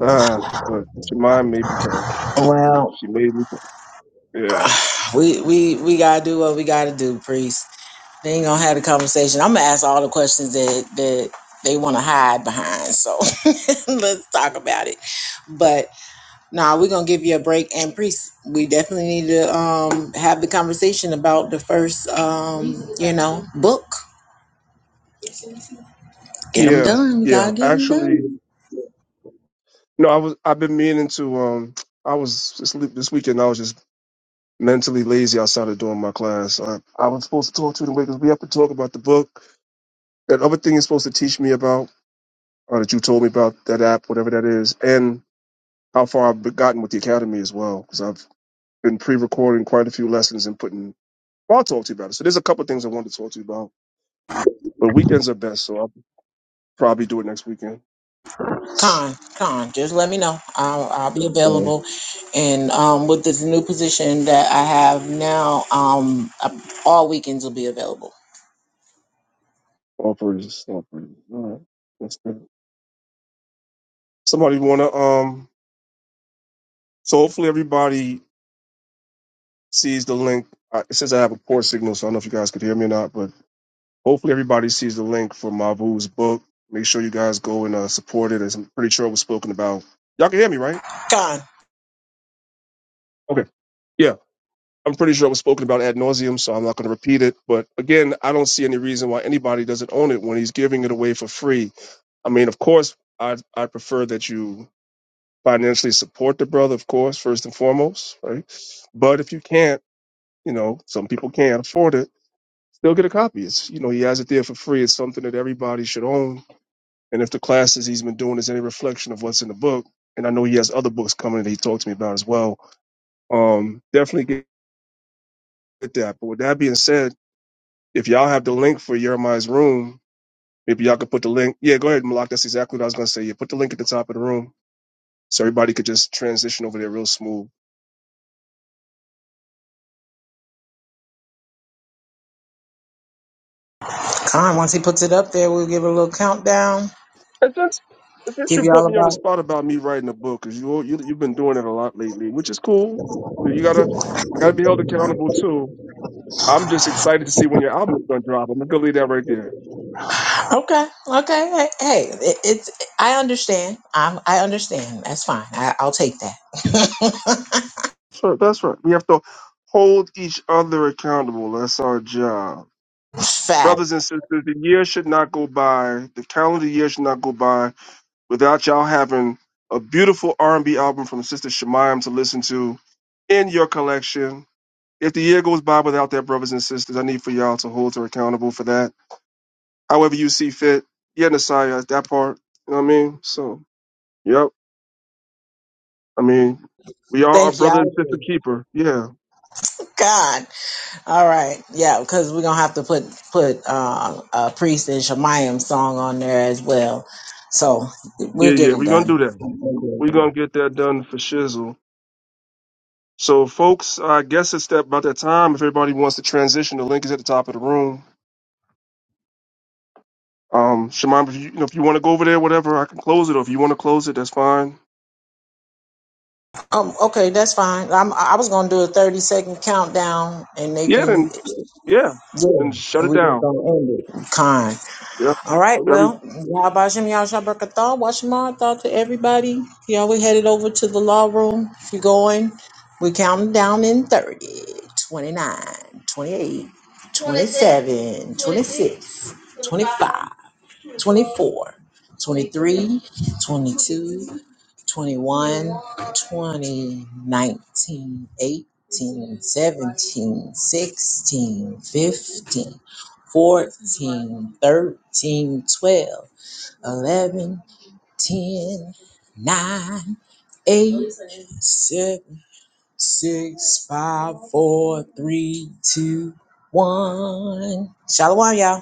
Uh, but she mind made me talk. well She made me talk. Yeah. we we we gotta do what we gotta do priest They ain't gonna have the conversation. I'm gonna ask all the questions that that they want to hide behind. So let's talk about it. But nah, we're gonna give you a break. And priest, we definitely need to um have the conversation about the first um you know book. Get them Yeah. done. We Yeah. gotta get them Actually, done. no, I was I've been meaning to um I was this this weekend. I was just mentally lazy outside of doing my class. I, I was supposed to talk to you anyway because we have to talk about the book. That other thing you're supposed to teach me about, or that you told me about that app, whatever that is, and how far I've gotten with the academy as well, because I've been pre-recording quite a few lessons and putting. Well, I'll talk to you about it. So there's a couple of things I wanted to talk to you about, but weekends are best, so I'll probably do it next weekend. Con, con, just let me know. I'll, I'll be Or available. And um, with this new position that I have now, um, I- all weekends will be available. all praises, all praises. All right, that's good. Somebody want to um. So hopefully everybody sees the link. I- It says I have a poor signal, so I don't know if you guys could hear me or not, but Hopefully, everybody sees the link for Mavu's book. Make sure you guys go and uh, support it. As I'm pretty sure it was spoken about. Y'all can hear me, right? Con, Okay. Yeah, I'm pretty sure it was spoken about ad nauseum, so I'm not going to repeat it. But again, I don't see any reason why anybody doesn't own it when he's giving it away for free. I mean, of course, I I prefer that you financially support the brother, of course, first and foremost, right? But if you can't, you know, some people can't afford it. Still get a copy. It's you know he has it there for free. It's something that everybody should own And if the classes he's been doing is any reflection of what's in the book, and I know he has other books coming that he talked to me about as well, um, definitely get that. But with that being said, if y'all have the link for Jeremiah's room, maybe y'all could put the link. Yeah, go ahead, Malak. That's exactly what I was going to say. Yeah, put the link at the top of the room so everybody could just transition over there real smooth. con. Once he puts it up there, we'll give a little countdown. And since, since Give you put y'all me on the about. spot about me writing a book, because you, you, you've been doing it a lot lately, which is cool. You gotta, I gotta be held accountable too. I'm just excited to see when your album is gonna drop. I'm gonna leave that right there. Okay, okay. Hey, hey it, it's. I understand. I'm. I understand. That's fine. I, I'll take that. So that's right. We have to hold each other accountable. That's our job. Fact. Brothers and sisters, the year should not go by, the calendar year should not go by without y'all having a beautiful R&B album from Sister Shemayam to listen to in your collection. If the year goes by without that, brothers and sisters, I need for y'all to hold her accountable for that. However you see fit. Yeah, Nasiah, that part. You know what I mean? So, yep. I mean, we are our Thank you. I brother and sister agree. keeper. Yeah. God. All right, yeah, because we're gonna have to put put uh, a priest and Shemayim song on there as well. So we'll Yeah, get yeah. it We're going to done. do that. We're gonna get that done for shizzle. So, folks, I guess it's that about that time. If everybody wants to transition, the link is at the top of the room. Um, Shemai, if you, you know, if you want to go over there, whatever, I can close it. Or if you want to close it, that's fine. Um, okay, that's fine. I'm, I was gonna do a thirty second countdown, and they Yeah, can then yeah, yeah, then shut and it we just down. gonna end it. Con. All right, Yeah, well, y'all Bajim Yah Shabrakatah, watch thought to everybody. Y'all we headed over to the law room. If you're going, we counting down in 30, 29, 28, 27, 26, 25. Twenty four, twenty three, twenty two, twenty one, twenty nineteen, eighteen, seventeen, sixteen, fifteen, fourteen, thirteen, twelve, eleven, ten, nine, eight, seven, six, five, four, three, two, one. 23, Shalom, y'all.